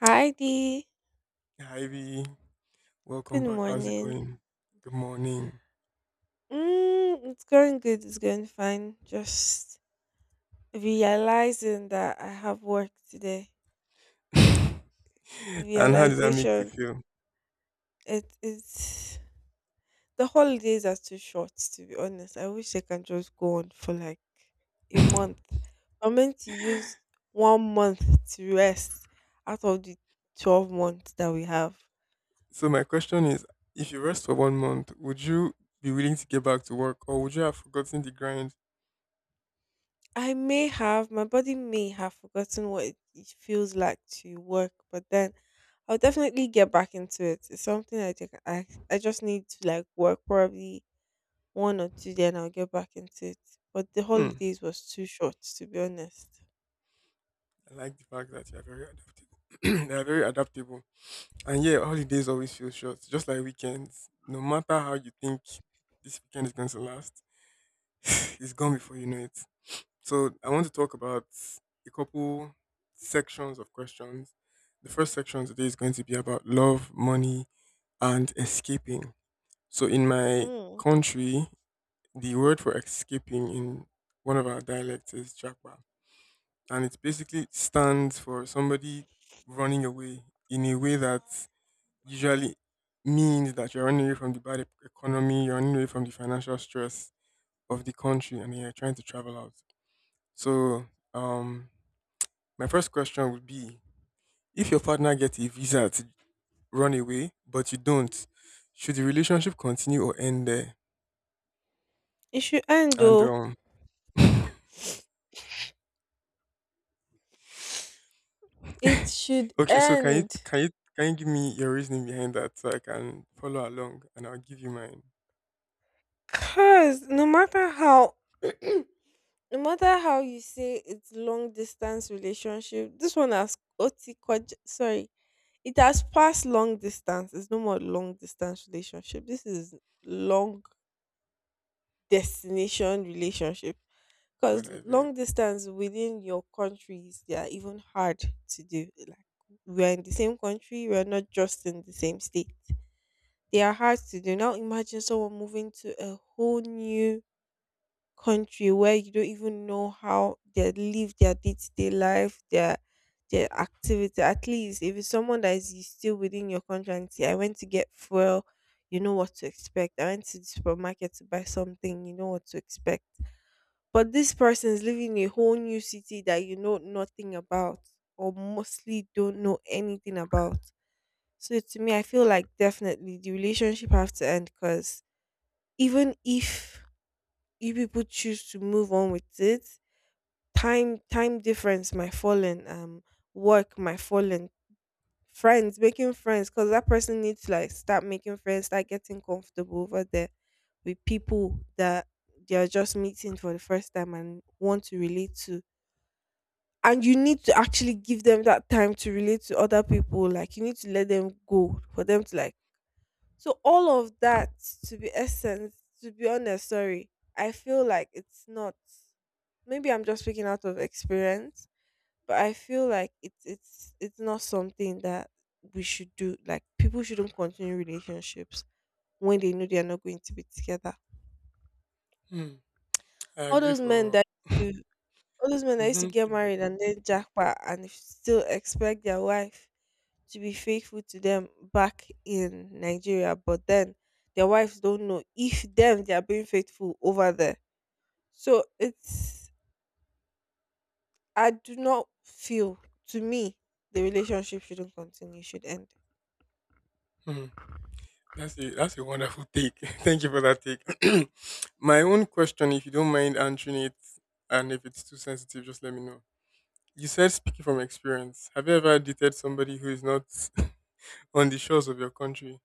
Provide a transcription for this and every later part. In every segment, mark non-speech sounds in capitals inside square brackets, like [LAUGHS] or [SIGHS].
Hi Dee. Hi, V. Welcome Good back. How's it morning. going? Good morning. It's going good. It's going fine. Just realizing that I have work today. [LAUGHS] And how did that make you Realization. feel? It is The holidays are too short. To be honest, I wish I can just go on for like a month. I'm meant to use 1 month to rest out of the 12 months that we have. So, my question is if you rest for 1 month, would you be willing to get back to work, or would you have forgotten the grind? I may have, my body may have forgotten what it feels like to work, but then I'll definitely get back into it. It's something I think I just need to like work probably one or two, then I'll get back into it. But the Hmm. holidays was too short, to be honest. I like the fact that you are very adaptable. [CLEARS THROAT] They are very adaptable. And yeah, holidays always feel short, just like weekends. No matter how you think this weekend is going to last, [LAUGHS] [SIGHS] it's gone before you know it. So I want to talk about a couple sections of questions. The first section today is going to be about love, money, and escaping. So in my Mm. country, the word for escaping in one of our dialects is chakwa, and it basically stands for somebody running away in a way that usually means that you're running away from the bad economy, you're running away from the financial stress of the country, and you're trying to travel out. So um my first question would be, if your partner gets a visa to run away but you don't, should the relationship continue or end there? It should end And though. It should [LAUGHS] Okay, so can you end. can you can you give me your reasoning behind that so I can follow along, and I'll give you mine. Cause no matter how [CLEARS THROAT] no matter how you say it's long distance relationship, this one has OT quad sorry, it has passed long distance. It's no more long distance relationship. This is long destination relationship. God, Because I beg. long distance within your countries, they are even hard to do. Like we are in the same country, we are not just in the same state. They are hard to do. Now imagine someone moving to a whole new country where you don't even know how they live their day-to-day life, their activity. At least if it's someone that is still within your country and say, I went to get fuel, you know what to expect. I went to the supermarket to buy something, you know what to expect. But this person is living in a whole new city that you know nothing about or mostly don't know anything about. So to me, I feel like definitely the relationship have to end because even if you people choose to move on with it. Time difference might fall in, work might fall in, friends making friends because that person needs to like start making friends, start getting comfortable over there with people that they are just meeting for the first time and want to relate to. And you need to actually give them that time to relate to other people. Like you need to let them go for them to like. So all of that, to be essence, to be honest, sorry, I feel like it's not. Maybe I'm just speaking out of experience, but I feel like it's not something that we should do. Like people shouldn't continue relationships when they know they are not going to be together. Hmm. I All agree, those men for that [LAUGHS] used to all those men that used mm-hmm, to get keep married going. and then jackpot and still expect their wife to be faithful to them back in Nigeria, but then their wives don't know if them they are being faithful over there. So it's I do not feel to me the relationship shouldn't continue, should end. Hmm. That's a wonderful take. [LAUGHS] Thank you for that take. [CLEARS THROAT] My own question, if you don't mind answering it, and if it's too sensitive, just let me know. You said speaking from experience. Have you ever dated somebody who is not [LAUGHS] on the shores of your country?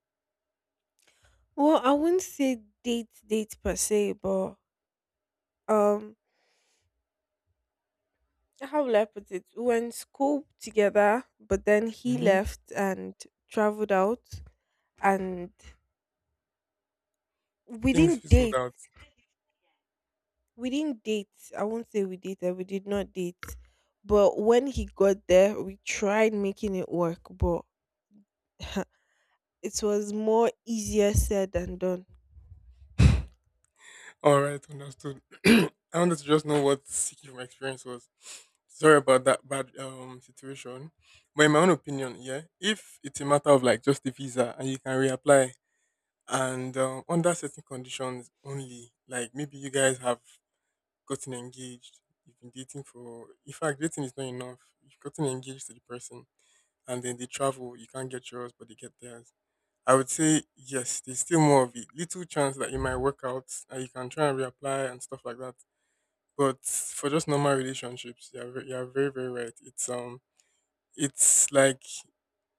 Well, I wouldn't say date date per se, but um how will I put it? We went school together, but then he Hmm. left and traveled out and we Things didn't fizzled date. out. We didn't date. I won't say we dated, we did not date. But when he got there, we tried making it work, but [LAUGHS] it was more easier said than done. All right, understood. [CLEARS THROAT] I wanted to just know what speaking from experience was. Sorry about that bad situation. But in my own opinion, yeah, if it's a matter of like just the visa and you can reapply and under certain conditions only, like maybe you guys have gotten engaged, you've been dating for, in fact, dating is not enough. You've gotten engaged to the person and then they travel. You can't get yours, but they get theirs. I would say yes, there's still more of it. Little chance that it might work out and you can try and reapply and stuff like that. But for just normal relationships, you're very, you're very right. It's like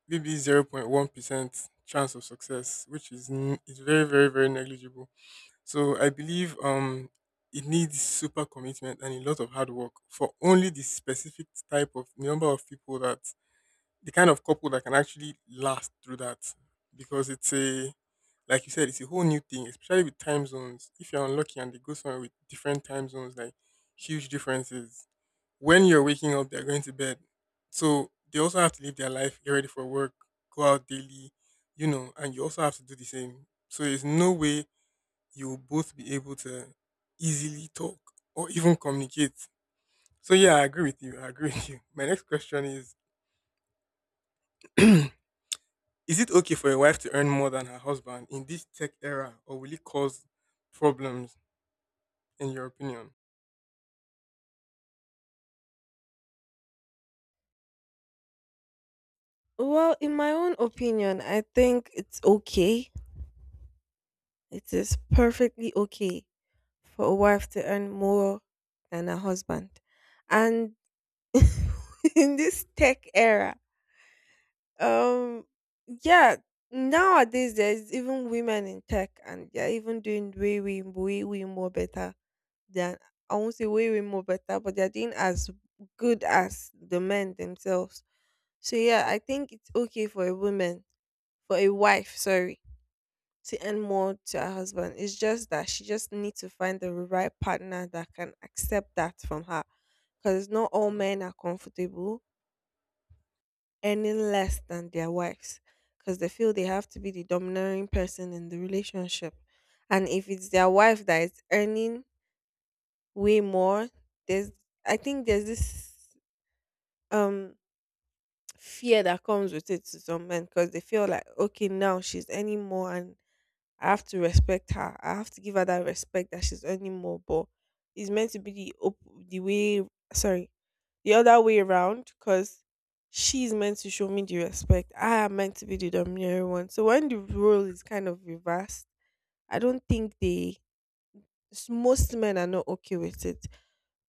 maybe zero point one percent chance of success, which is very, very, very negligible. So I believe it needs super commitment and a lot of hard work for only the specific type of number of people that the kind of couple that can actually last through that, because it's a you said, it's a whole new thing, especially with time zones. If you're unlucky and they go somewhere with different time zones, like huge differences, when you're waking up they're going to bed. So they also have to live their life, get ready for work, go out daily, you know, and you also have to do the same, so there's no way you'll both be able to easily talk or even communicate. So yeah, I agree with you, I agree with you. My next question is [CLEARS THROAT] is it okay for a wife to earn more than her husband in this tech era, or will it cause problems, in your opinion? Well, in my own opinion, I think it's okay. It is perfectly okay for a wife to earn more than a husband. And [LAUGHS] in this tech era, um yeah, nowadays there's even women in tech and they're even doing way way way way more better than I won't say way way more better, but they're doing as good as the men themselves. So yeah, I think it's okay for a woman, for a wife, sorry to earn more to her husband. It's just that she just needs to find the right partner that can accept that from her. Because not all men are comfortable earning less than their wives. Because they feel they have to be the domineering person in the relationship. And if it's their wife that is earning way more, there's I think there's this um fear that comes with it to some men because they feel like okay now she's earning more and I have to respect her. I have to give her that respect that she's earning more, but it's meant to be the the way sorry, the other way around because she's meant to show me the respect. I am meant to be the domineering one. So when the role is kind of reversed, I don't think most men are not okay with it.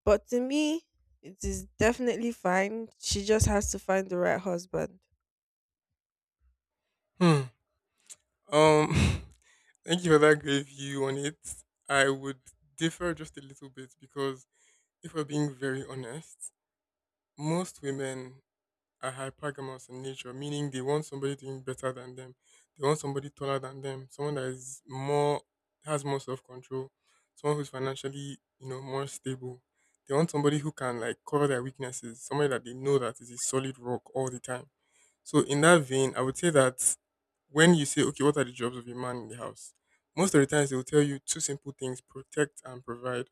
But to me, it is definitely fine. She just has to find the right husband. Hmm. Um. [LAUGHS] Thank you for that great view on it. I would differ just a little bit because, if we're being very honest, most women are hypergamous in nature, meaning they want somebody doing better than them. They want somebody taller than them, someone that is more has more self control, someone who's financially, you know, more stable. They want somebody who can like cover their weaknesses, somebody that they know that is a solid rock all the time. So in that vein, I would say that when you say, okay, what are the jobs of a man in the house? Most of the times they will tell you two simple things: protect and provide.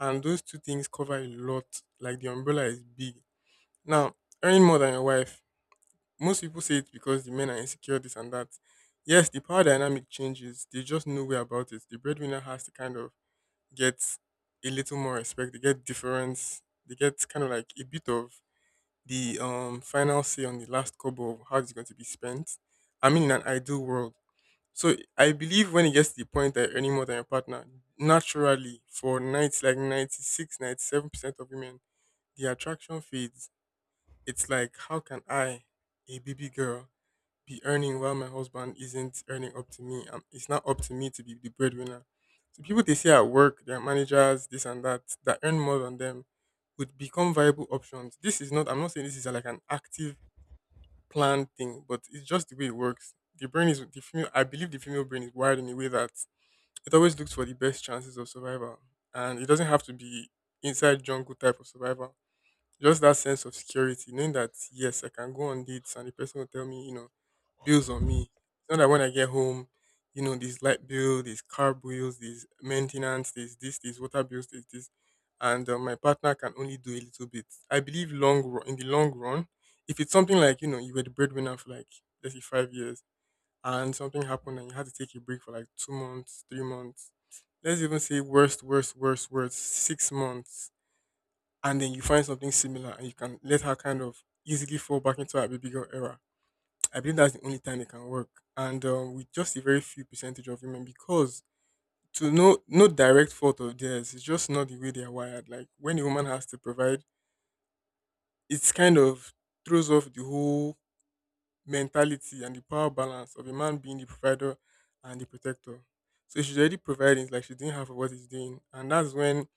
And those two things cover a lot. Like, the umbrella is big. Now, earning more than your wife, most people say it's because the men are insecure, this and that. Yes, the power dynamic changes. They just know way about it. The breadwinner has to kind of get a little more respect. They get difference. They get kind of like a bit of the final say on the last kobo of how it's going to be spent. I mean, in an ideal world. So I believe when it gets to the point that you're earning more than your partner, naturally for nights like 96, 97% of women, the attraction fades. It's like, how can I, a baby girl, be earning while my husband isn't earning up to me. It's not up to me to be the breadwinner. So people they see at work, their managers, this and that, that earn more than them, would become viable options. This is not, I'm not saying this is like an active planned thing, but it's just the way it works. The brain is, the female, I believe the female brain is wired in a way that it always looks for the best chances of survival. And it doesn't have to be inside jungle type of survival, just that sense of security, knowing that, yes, I can go on dates and the person will tell me, you know, bills on me. It's not that when I get home, you know, this light bill, these car bills, this maintenance, this, water bills, this, and my partner can only do a little bit. I believe long run, in the long run, if it's something like, you know, you were the breadwinner for like let's say 5 years, and something happened and you had to take a break for like 2 months, 3 months, let's even say worst, worst, worst, worst, 6 months, and then you find something similar and you can let her kind of easily fall back into her baby girl era. I believe that's the only time it can work. And with just a very few percentage of women, because to no direct fault of theirs, it's just not the way they are wired. Like when a woman has to provide, it's kind of throws off the whole mentality and the power balance of a man being the provider and the protector. So she's already providing, it's like she didn't have for what he's doing. And that's when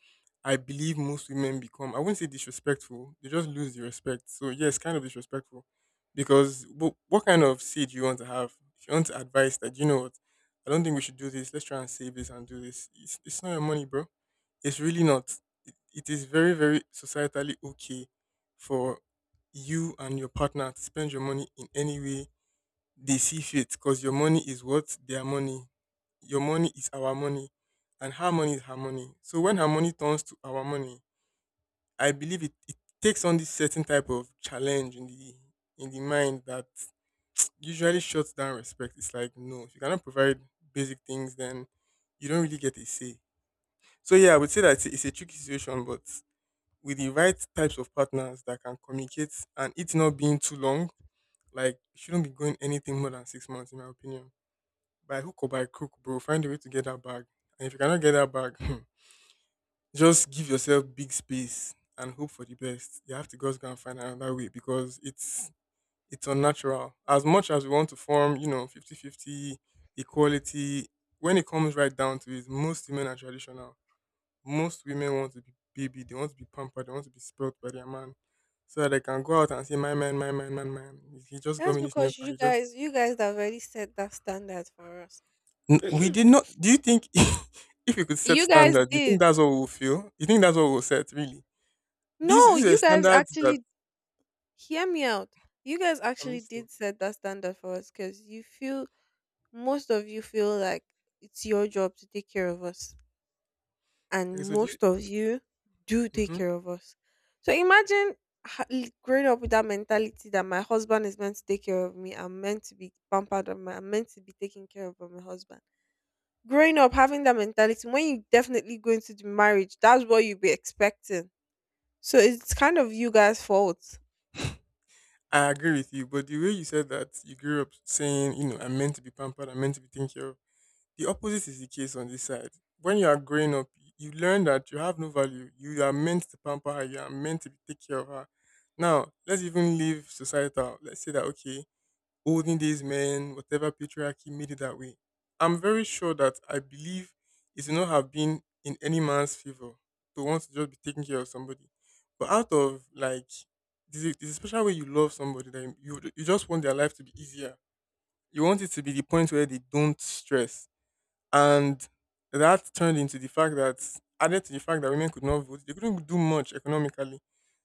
I believe most women become, I wouldn't say disrespectful, they just lose the respect. So, yes, kind of disrespectful. Because what kind of say do you want to have? If you want advice that, you know what, I don't think we should do this, let's try and save this and do this. It's not your money, bro, it's really not. It is very, very societally okay for you and your partner to spend your money in any way they see fit, because your money is what? Their money. Your money is our money and her money is her money. So when her money turns to our money, I believe it takes on this certain type of challenge in the mind that usually shuts down respect. It's like, no, if you cannot provide basic things, then you don't really get a say. So yeah, I would say that it's a tricky situation, but with the right types of partners that can communicate, and it not being too long, like it shouldn't be going anything more than 6 months in my opinion. By hook or by crook, bro, find a way to get that bag. And if you cannot get that bag, [CLEARS THROAT] just give yourself big space and hope for the best. You have to just go and find another way because it's unnatural. As much as we want to form, you know, 50-50 equality, when it comes right down to it, most women are traditional, most women want to be baby, they want to be pampered, they want to be spoilt by their man. So that they can go out and say, "My man, my man, my man. He just got That's me this new because car. you He just" guys, you guys have already set that standard for us. We [CLEARS THROAT] did not do, you think [LAUGHS] if we could set You guys standards, do you think did. that's what we'll feel? You think that's what we'll set, really? These No, these are you guys standards that actually hear me out. You guys I'm actually listening. did set that standard for us because you feel most of you feel like it's your job to take care of us. Okay, And so do you most of you do take hmm care of us. So imagine growing up with that mentality that my husband is meant to take care of me. I'm meant to be pampered. I'm meant to be taken care of by my husband. Growing up having that mentality, when you definitely go into the marriage, that's what you'll be expecting. So it's kind of you guys' fault. I agree with you, but the way you said that you grew up saying, you know, I'm meant to be pampered, I'm meant to be taken care of, the opposite is the case on this side. When you are growing up, you learn that you have no value. You are meant to pamper her. You are meant to take care of her. Now, let's even leave societal. Let's say that, okay, olden days men, whatever patriarchy made it that way. I'm very sure that I believe it would not have been in any man's favor to want to just be taking care of somebody. But out of like, there's a special way you love somebody that you just want their life to be easier. You want it to be the point where they don't stress and that turned into the fact that added to the fact that women could not vote, they couldn't do much economically.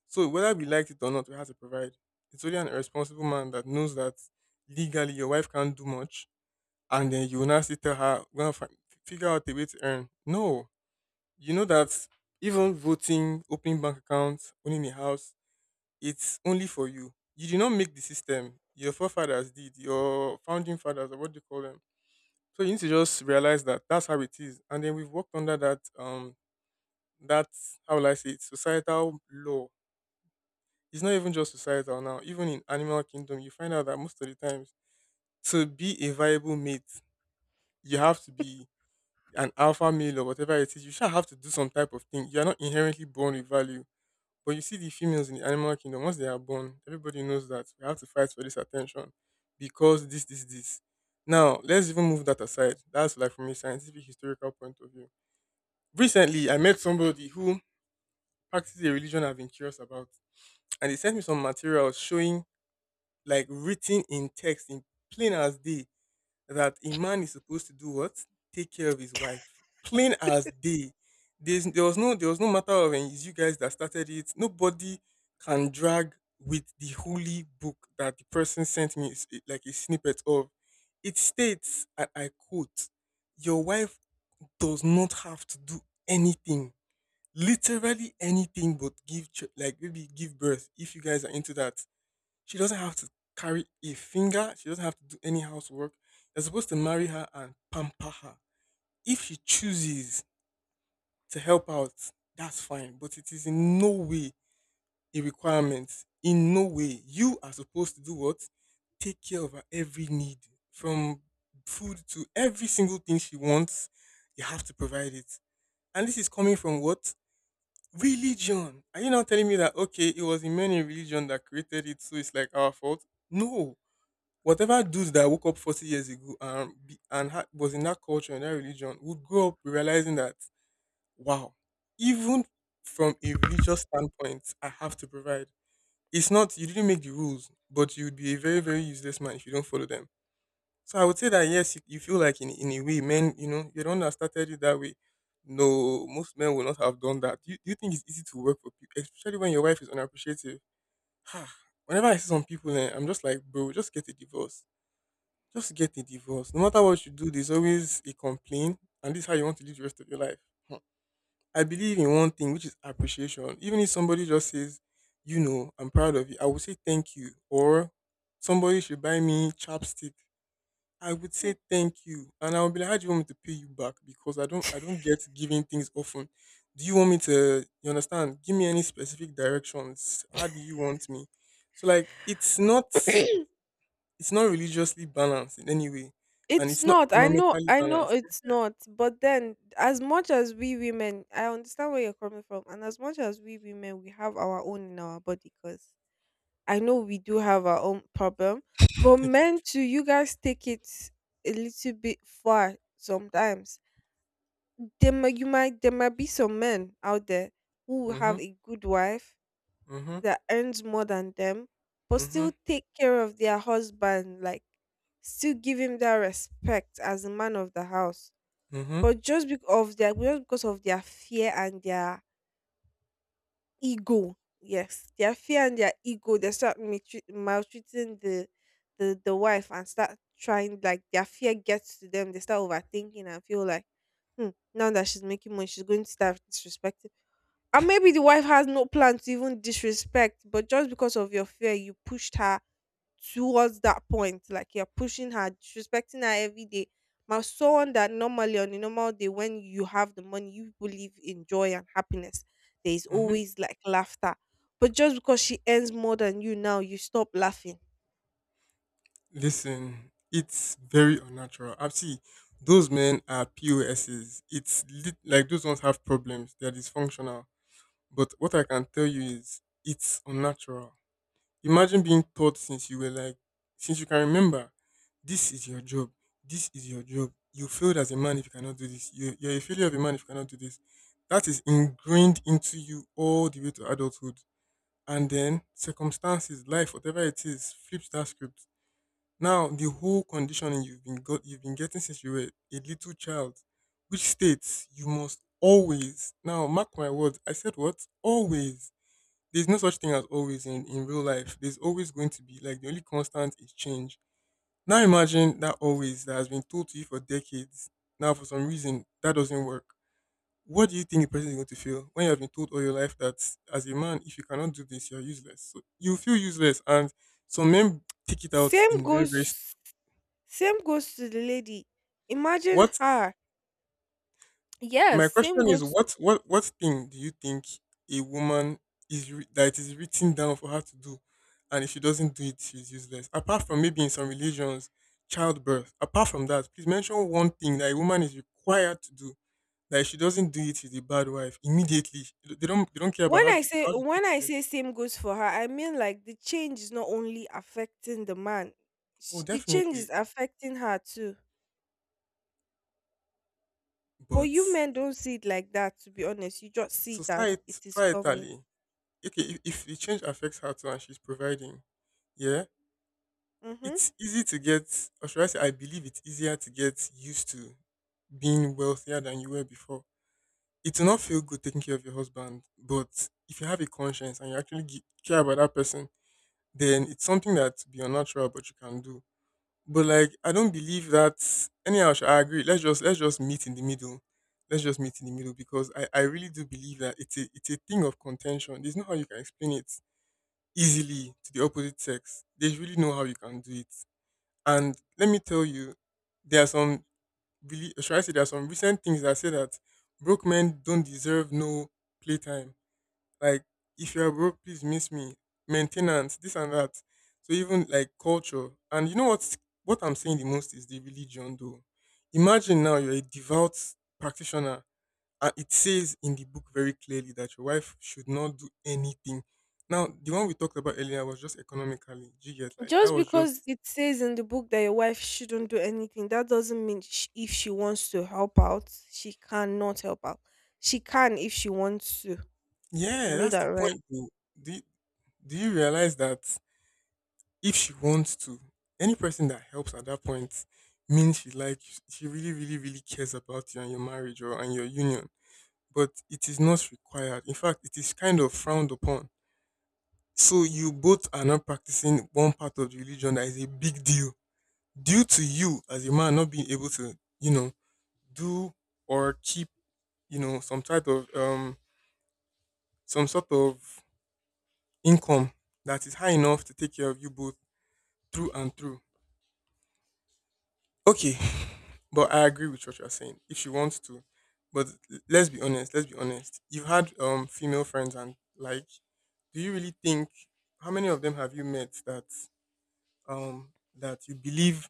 So whether we liked it or not, we had to provide. It's only an irresponsible man that knows that legally your wife can't do much, and then you will now still tell her, "We're gonna figure out a way to earn." No, you know that even voting, opening bank accounts, owning a house, it's only for you. You did not make the system. Your forefathers did. Your founding fathers, or what do you call them? So you need to just realize that that's how it is. And then we've worked under that that how will I say it, societal law. It's not even just societal now. Even in animal kingdom, you find out that most of the times to be a viable mate, you have to be an alpha male or whatever it is. You shall have to do some type of thing. You are not inherently born with value. But you see the females in the animal kingdom, once they are born, everybody knows that we have to fight for this attention because this. Now, let's even move that aside. That's like from a scientific historical point of view. Recently, I met somebody who practices a religion I've been curious about, and they sent me some materials showing, like, written in text in plain as day, that a man is supposed to do what? Take care of his wife. Plain as day. There was no matter of and it's you guys that started it. Nobody can drag with the holy book that the person sent me like a snippet of. It states, and I quote, "Your wife does not have to do anything," literally anything, but give like maybe give birth if you guys are into that. She doesn't have to carry a finger, she doesn't have to do any housework. You're supposed to marry her and pamper her. If she chooses to help out, that's fine, but it is in no way a requirement. In no way. You are supposed to do what? Take care of her every need, from food to every single thing she wants, you have to provide it. And this is coming from what? Religion. Are you now telling me that, okay, it was the men in religion that created it, so it's like our fault? No. Whatever dudes that woke up 40 years ago and was in that culture and that religion would grow up realizing that wow, even from a religious standpoint, I have to provide. It's not you didn't make the rules, but you would be a very very useless man if you don't follow them. So I would say that yes, you feel like in a way, men, you know, you don't have started you that way. No, most men will not have done that. Do you think it's easy to work for people, especially when your wife is unappreciative? Ah, whenever I see some people, eh, I'm just like, bro, just get a divorce. Just get a divorce. No matter what you do, there's always a complaint, and this is how you want to live the rest of your life. Hmm. I believe in one thing, which is appreciation. Even if somebody just says, you know, I'm proud of you, I will say thank you, or somebody should buy me chapstick, I would say thank you, and I would be like, "How do you want me to pay you back?" Because I don't get giving things often. Do you want me to? You understand? Give me any specific directions. How do you want me? So like, it's not religiously balanced in any way, and It's it's not not. I know economically I know balanced. it's not. But then as much as we women, I understand where you're coming from. And as much as we women we have our own in our body cuz I know we do have our own problem, but [LAUGHS] Thank men too, you guys take it a little bit far sometimes. There might be some men out there who you. will have Mhm. a good wife Mhm. that earns more than them, but Mhm. still take care of their husband like still give him that respect as a man of the house Mhm. but just because of their fear and their ego. Yes, their fear and their ego. They start maltreating the wife and start trying like their fear gets to them. They start overthinking and feel like, now that she's making money, she's going to start disrespecting. And maybe the wife has no plan to even disrespect, but just because of your fear, you pushed her towards that point. Like you're pushing her, disrespecting her every day. Now, someone that normally on a normal day, when you have the money, you believe in joy and happiness. There is Mhm. always like laughter. But just because she earns more than you now, you stop laughing. Listen, it's very unnatural. I see. Those men are POSs. It's like those ones have problems. They're dysfunctional. But what I can tell you is it's unnatural. Imagine being taught since you were like, since you can remember, this is your job. This is your job. You failed as a man if you cannot do this. You're a failure of a man if you cannot do this. That is ingrained into you all the way to adulthood. And then circumstances, life, whatever it is, flips that script. Now the whole conditioning you've been getting since you were a little child, which states you must always. Now mark my words. I said what? Always. There's no such thing as always in real life. There's always going to be like the only constant is change. Now imagine that always that has been told to you for decades. Now for some reason that doesn't work. What do you think a person is going to feel when you have been told all your life that as a man, if you cannot do this, you're useless. So you feel useless, and some men take it out Same in very goes very. same goes to the lady. Imagine What? her. Yes, My question same is, goes what thing do you think a woman that is written down for her to do, and if she doesn't do it, she's useless. Apart from maybe in some religions, childbirth. Apart from that, please mention one thing that a woman is required to do. That if she doesn't do it, she's a bad wife immediately. They don't care about when how I they, say how she when treats I them. say same goes for her, I mean like the change is not only affecting the man. Oh, The change definitely. is affecting her too. But you But men don't see it like that, to be honest. You just see it as society it is coming. societally, okay, if the change affects her too and she's providing, yeah, Hmm. it's easy to get, or should I say, I believe it's easier to get used to being wealthier than you were before. It will not feel good taking care of your husband, but if you have a conscience and you actually care about that person, then it's something that be unnatural, but you can do. But like, I don't believe that. Anyhow, sha, I agree. Let's just meet in the middle. Let's just meet in the middle because I really do believe that it's a thing of contention. There's no how you can explain it easily to the opposite sex. They really know how you can do it. And let me tell you, there are some really should I say there are some recent things that say that broke men don't deserve no playtime. Like if you are broke, please miss me. Maintenance, this and that. So even like culture. And you know what I'm saying the most is the religion though. Imagine now you're a devout practitioner and it says in the book very clearly that your wife should not do anything. Now the one we talked about earlier was just economically. Do you get like that Just was because just it says in the book that your wife shouldn't do anything, that doesn't mean if she wants to help out, she cannot help out. She can if she wants to. You Yeah, know that's that, the right? point. Though. Do you, do you realize that if she wants to, any person that helps at that point means she like she really, really, really cares about you and your marriage or and your union. But it is not required. In fact, it is kind of frowned upon. So you both are not practicing one part of the religion that is a big deal due to you as a man not being able to, you know, do or keep, you know, some type of some sort of income that is high enough to take care of you both through and through. Okay, but I agree with what you're saying. If she wants to, but let's be honest. Let's be honest. You've had female friends, and like, do you really think how many of them have you met that um that you believe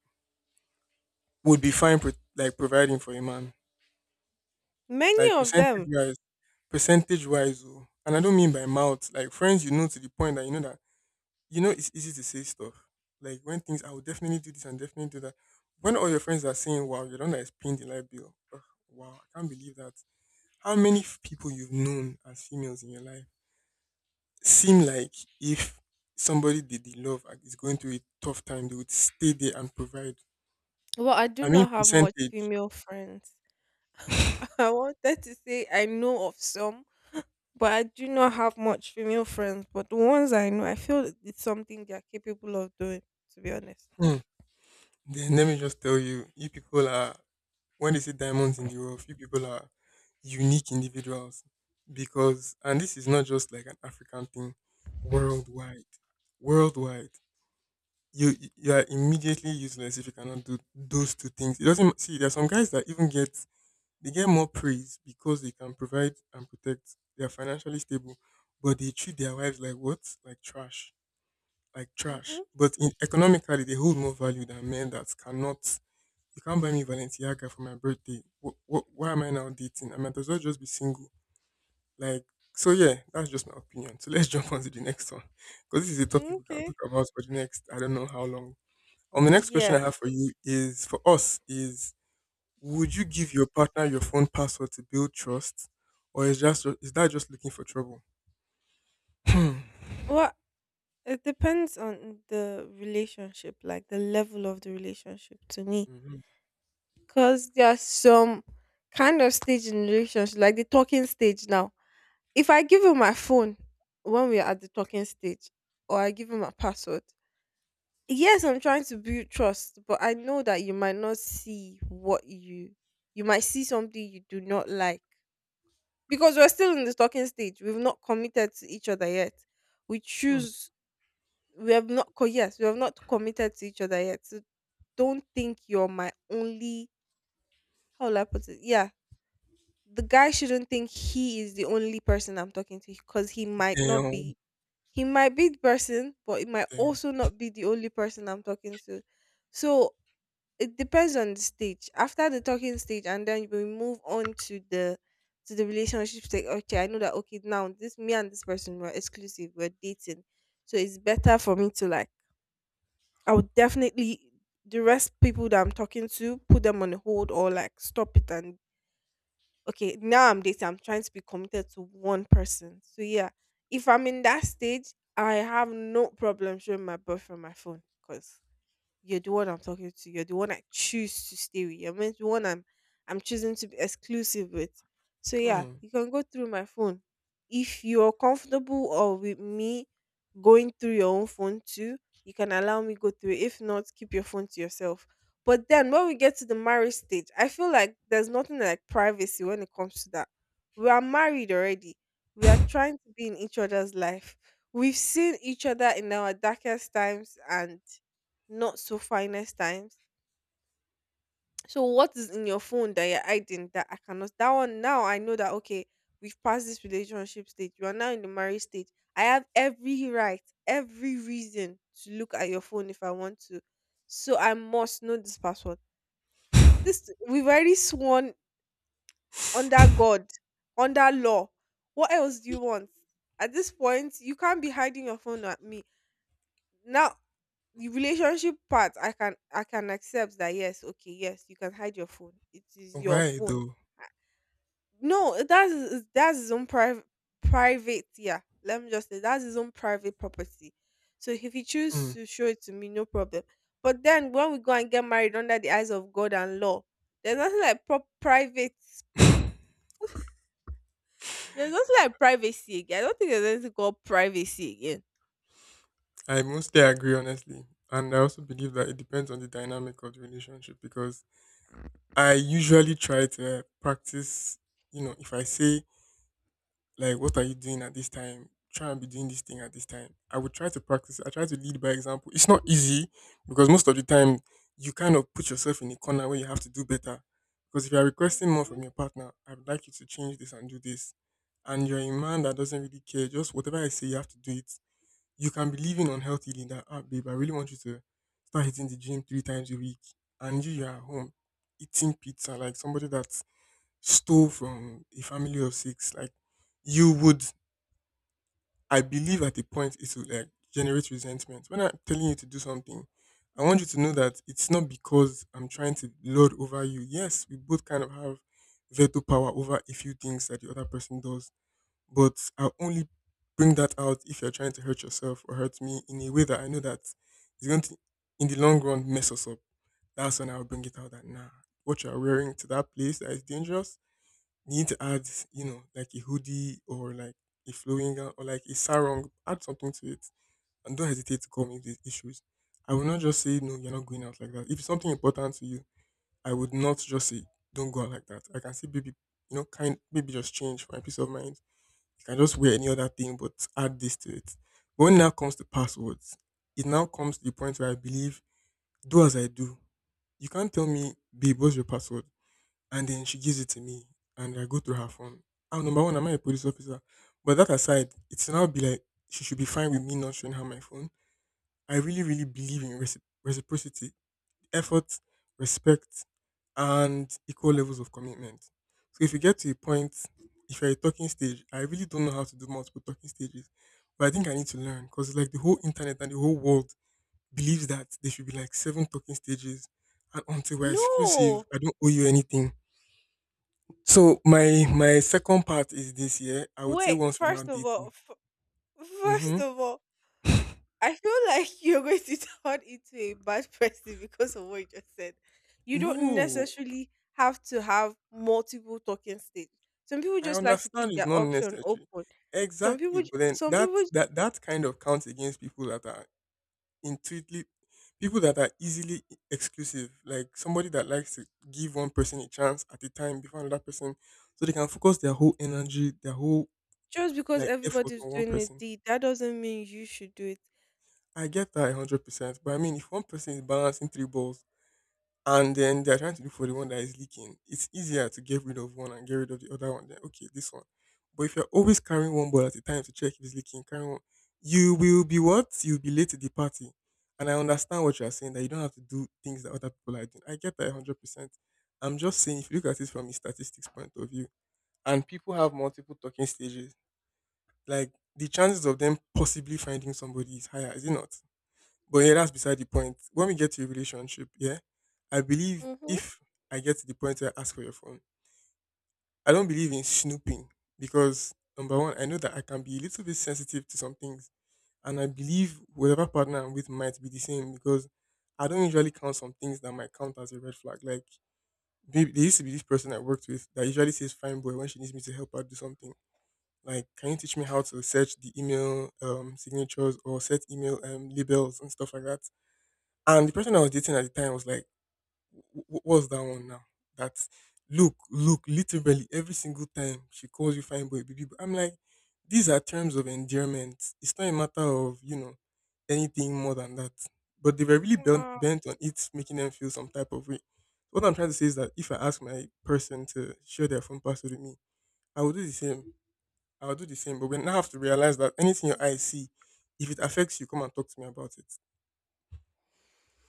would be fine like providing for a man, Many like of them. Percentage wise, and I don't mean by mouth, like friends you know to the point that you know it's easy to say stuff. Like when things I will definitely do this and definitely do that. When all your friends are saying, "Wow, you're the one that is paying the light bill. Ugh, wow, I can't believe that." How many people you've known as females in your life seem like if somebody they love and is going through a tough time, they would stay there and provide. Well, I do I mean not have much percentage. female friends. [LAUGHS] I wanted to say I know of some, but I do not have much female friends. But the ones I know, I feel it's something they are capable of doing, to be honest. Hmm. Then let me just tell you, you people are, when they say diamonds in the rough, you people are unique individuals, because and this is not just like an African thing, worldwide worldwide, you are immediately useless if you cannot do those two things. It doesn't see, there are some guys that even get, they get more praise because they can provide and protect, they are financially stable, but they treat their wives like what, like trash, like trash, Mhm. but in economically they hold more value than men that cannot. You can't buy me Balenciaga for my birthday. Why am I now dating? I might as well just be single. Like, so yeah, that's just my opinion. So let's [LAUGHS] jump on to the next one. Because this is a topic we can Okay. talk about for the next, I don't know how long. The next question I Yeah. have for you is, for us, is would you give your partner your phone password to build trust? Or is just, is that just looking for trouble? Hmm. Well, it depends on the relationship, like the level of the relationship to me. Mhm. Because there's some kind of stage in relationship, like the talking stage now. If I give him my phone when we are at the talking stage, or I give him my password, yes, I'm trying to build trust, but I know that you might not see what you might see something you do not like because we're still in the talking stage. We've not committed to each other yet. We Hmm. choose. We have not. Yes, we have not committed to each other yet. So don't think you're my only. How will I put it? Yeah, the guy shouldn't think he is the only person I'm talking to because he might not Damn. be. He might be the person, but it might Damn. also not be the only person I'm talking to. So it depends on the stage. After the talking stage, and then we move on to the relationship stage. Okay, I know that. Okay, now this me and this person we're exclusive. We're dating, so it's better for me to like. I would definitely the rest people that I'm talking to put them on hold or like stop it and okay. Now I'm dating. I'm trying to be committed to one person. So yeah, if I'm in that stage, I have no problem showing my boyfriend my phone because you're the one I'm talking to. You're the one I choose to stay with. The one I'm choosing to be exclusive with. So yeah, Hmm. you can go through my phone. If you're comfortable or with me going through your own phone too, you can allow me go through it. If not, keep your phone to yourself. But then when we get to the marriage stage, I feel like there's nothing like privacy when it comes to that. We are married already. We are trying to be in each other's life. We've seen each other in our darkest times and not so finest times. So what is in your phone that you're hiding that I cannot that one now I know that okay, we've passed this relationship stage. You are now in the marriage stage. I have every right, every reason to look at your phone if I want to. So I must know this password. This we've already sworn under God, under law. What else do you want? At this point, you can't be hiding your phone at me. Now, the relationship part, I can accept that. Yes. Okay. Yes, you can hide your phone. It is your Why phone. though? No, that's his own private, private, yeah, let me just say that's his own private property. So if he Hmm. chooses to show it to me, no problem. But then when we go and get married under the eyes of God and law, there's nothing like private. [LAUGHS] There's nothing like privacy again. I don't think there's anything called privacy again. I mostly agree, honestly. And I also believe that it depends on the dynamic of the relationship, because I usually try to practice, if I say, like, what are you doing at this time? Try and be doing this thing at this time. I would try to practice. I try to lead by example. It's not easy, because most of the time you kind of put yourself in a corner where you have to do better. Because if you are requesting more Mhm. from your partner, I would like you to change this and do this. And you're a man that doesn't really care, just whatever I say, you have to do it. You can be living unhealthily in that, ah, babe, I really want you to start hitting the gym 3 times a week. And you are at home eating pizza like somebody that stole from a family of six, like you would, I believe at a point it will like generate resentment. When I'm telling you to do something, I want you to know that it's not because I'm trying to lord over you. Yes, we both kind of have veto power over a few things that the other person does, but I'll only bring that out if you're trying to hurt yourself or hurt me in a way that I know that is going to, in the long run, mess us up. That's when I'll bring it out that, nah, what you're wearing to that place that is dangerous, you need to add, like a hoodie, or like a flowing gown, or like a sarong. Add something to it, and don't hesitate to call me these issues. I will not just say, no, you're not going out like that. If it's something important to you, I would not just say, don't go out like that. I can see, baby, kind, maybe just change for my peace of mind. You can just wear any other thing, but add this to it. But when it now comes to passwords, it now comes to the point where I believe, do as I do. You can't tell me, babe, what's your password, and then she gives it to me and I go through her phone. I'm, number one, am I a police officer? But that aside, it's now be like she should be fine with me not showing her my phone. I really, really believe in reciprocity, effort, respect, and equal levels of commitment. So if you get to a point, if you're a talking stage, I really don't know how to do multiple talking stages, but I think I need to learn, because like the whole internet and the whole world believes that there should be like seven talking stages, and until we're exclusive, No. I don't owe you anything. So my second part is this year. I would say Wait, once we're first not of all, dating. [LAUGHS] First Hmm. of all, I feel like [LAUGHS] you're going to turn into a bad person because of what you just said. You don't No, necessarily have to have multiple talking stages. Some people I just like to understand keep it's their not option necessary. open. Exactly, but then Some that people that that kind of counts against people that are intuitively, people that are easily exclusive. Like somebody that likes to give one person a chance at a time before another person, so they can focus their whole energy, their whole just because like effort everybody's on one doing it, person. That doesn't mean you should do it. I get that 100%, but I mean, if one person is balancing three balls and then they're trying to look for the one that is leaking, it's easier to get rid of one and get rid of the other one than okay, this one. But if you're always carrying one ball at a time to check if it's leaking, carrying one, you will be what? You'll be late to the party. And I understand what you're saying, that you don't have to do things that other people are doing. I get that 100%. I'm just saying, if you look at it from a statistics point of view, and people have multiple talking stages, like the chances of them possibly finding somebody is higher, is it not? But yeah, that's beside the point. When we get to a relationship, yeah, I believe Mm-hmm. if I get to the point where I ask for your phone, I don't believe in snooping, because number one, I know that I can be a little bit sensitive to some things, and I believe whatever partner I'm with might be the same, because I don't usually count some things that might count as a red flag. Like, maybe there used to be this person I worked with that usually says "fine boy" when she needs me to help her do something. Like, can you teach me how to search the email signatures, or set email labels and stuff like that? And the person I was dating at the time was like, "What's that one now?" That, look, look, literally every single time she calls you fine boy, baby boy. I'm like, these are terms of endearment. It's not a matter of anything more than that. But they were really bent, bent on it, making them feel some type of way. What I'm trying to say is that if I ask my person to share their phone password with me, I will do the same. I will do the same. But we now have to realize that anything your eyes see, if it affects you, come and talk to me about it.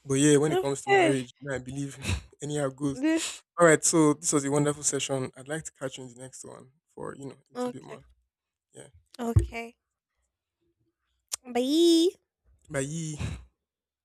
But yeah, when it comes to Okay. marriage, I believe [LAUGHS] anyhow it goes. This. All right, so this was a wonderful session. I'd like to catch you in the next one for a little bit Okay. more. Yeah, Okay. Bye. bye.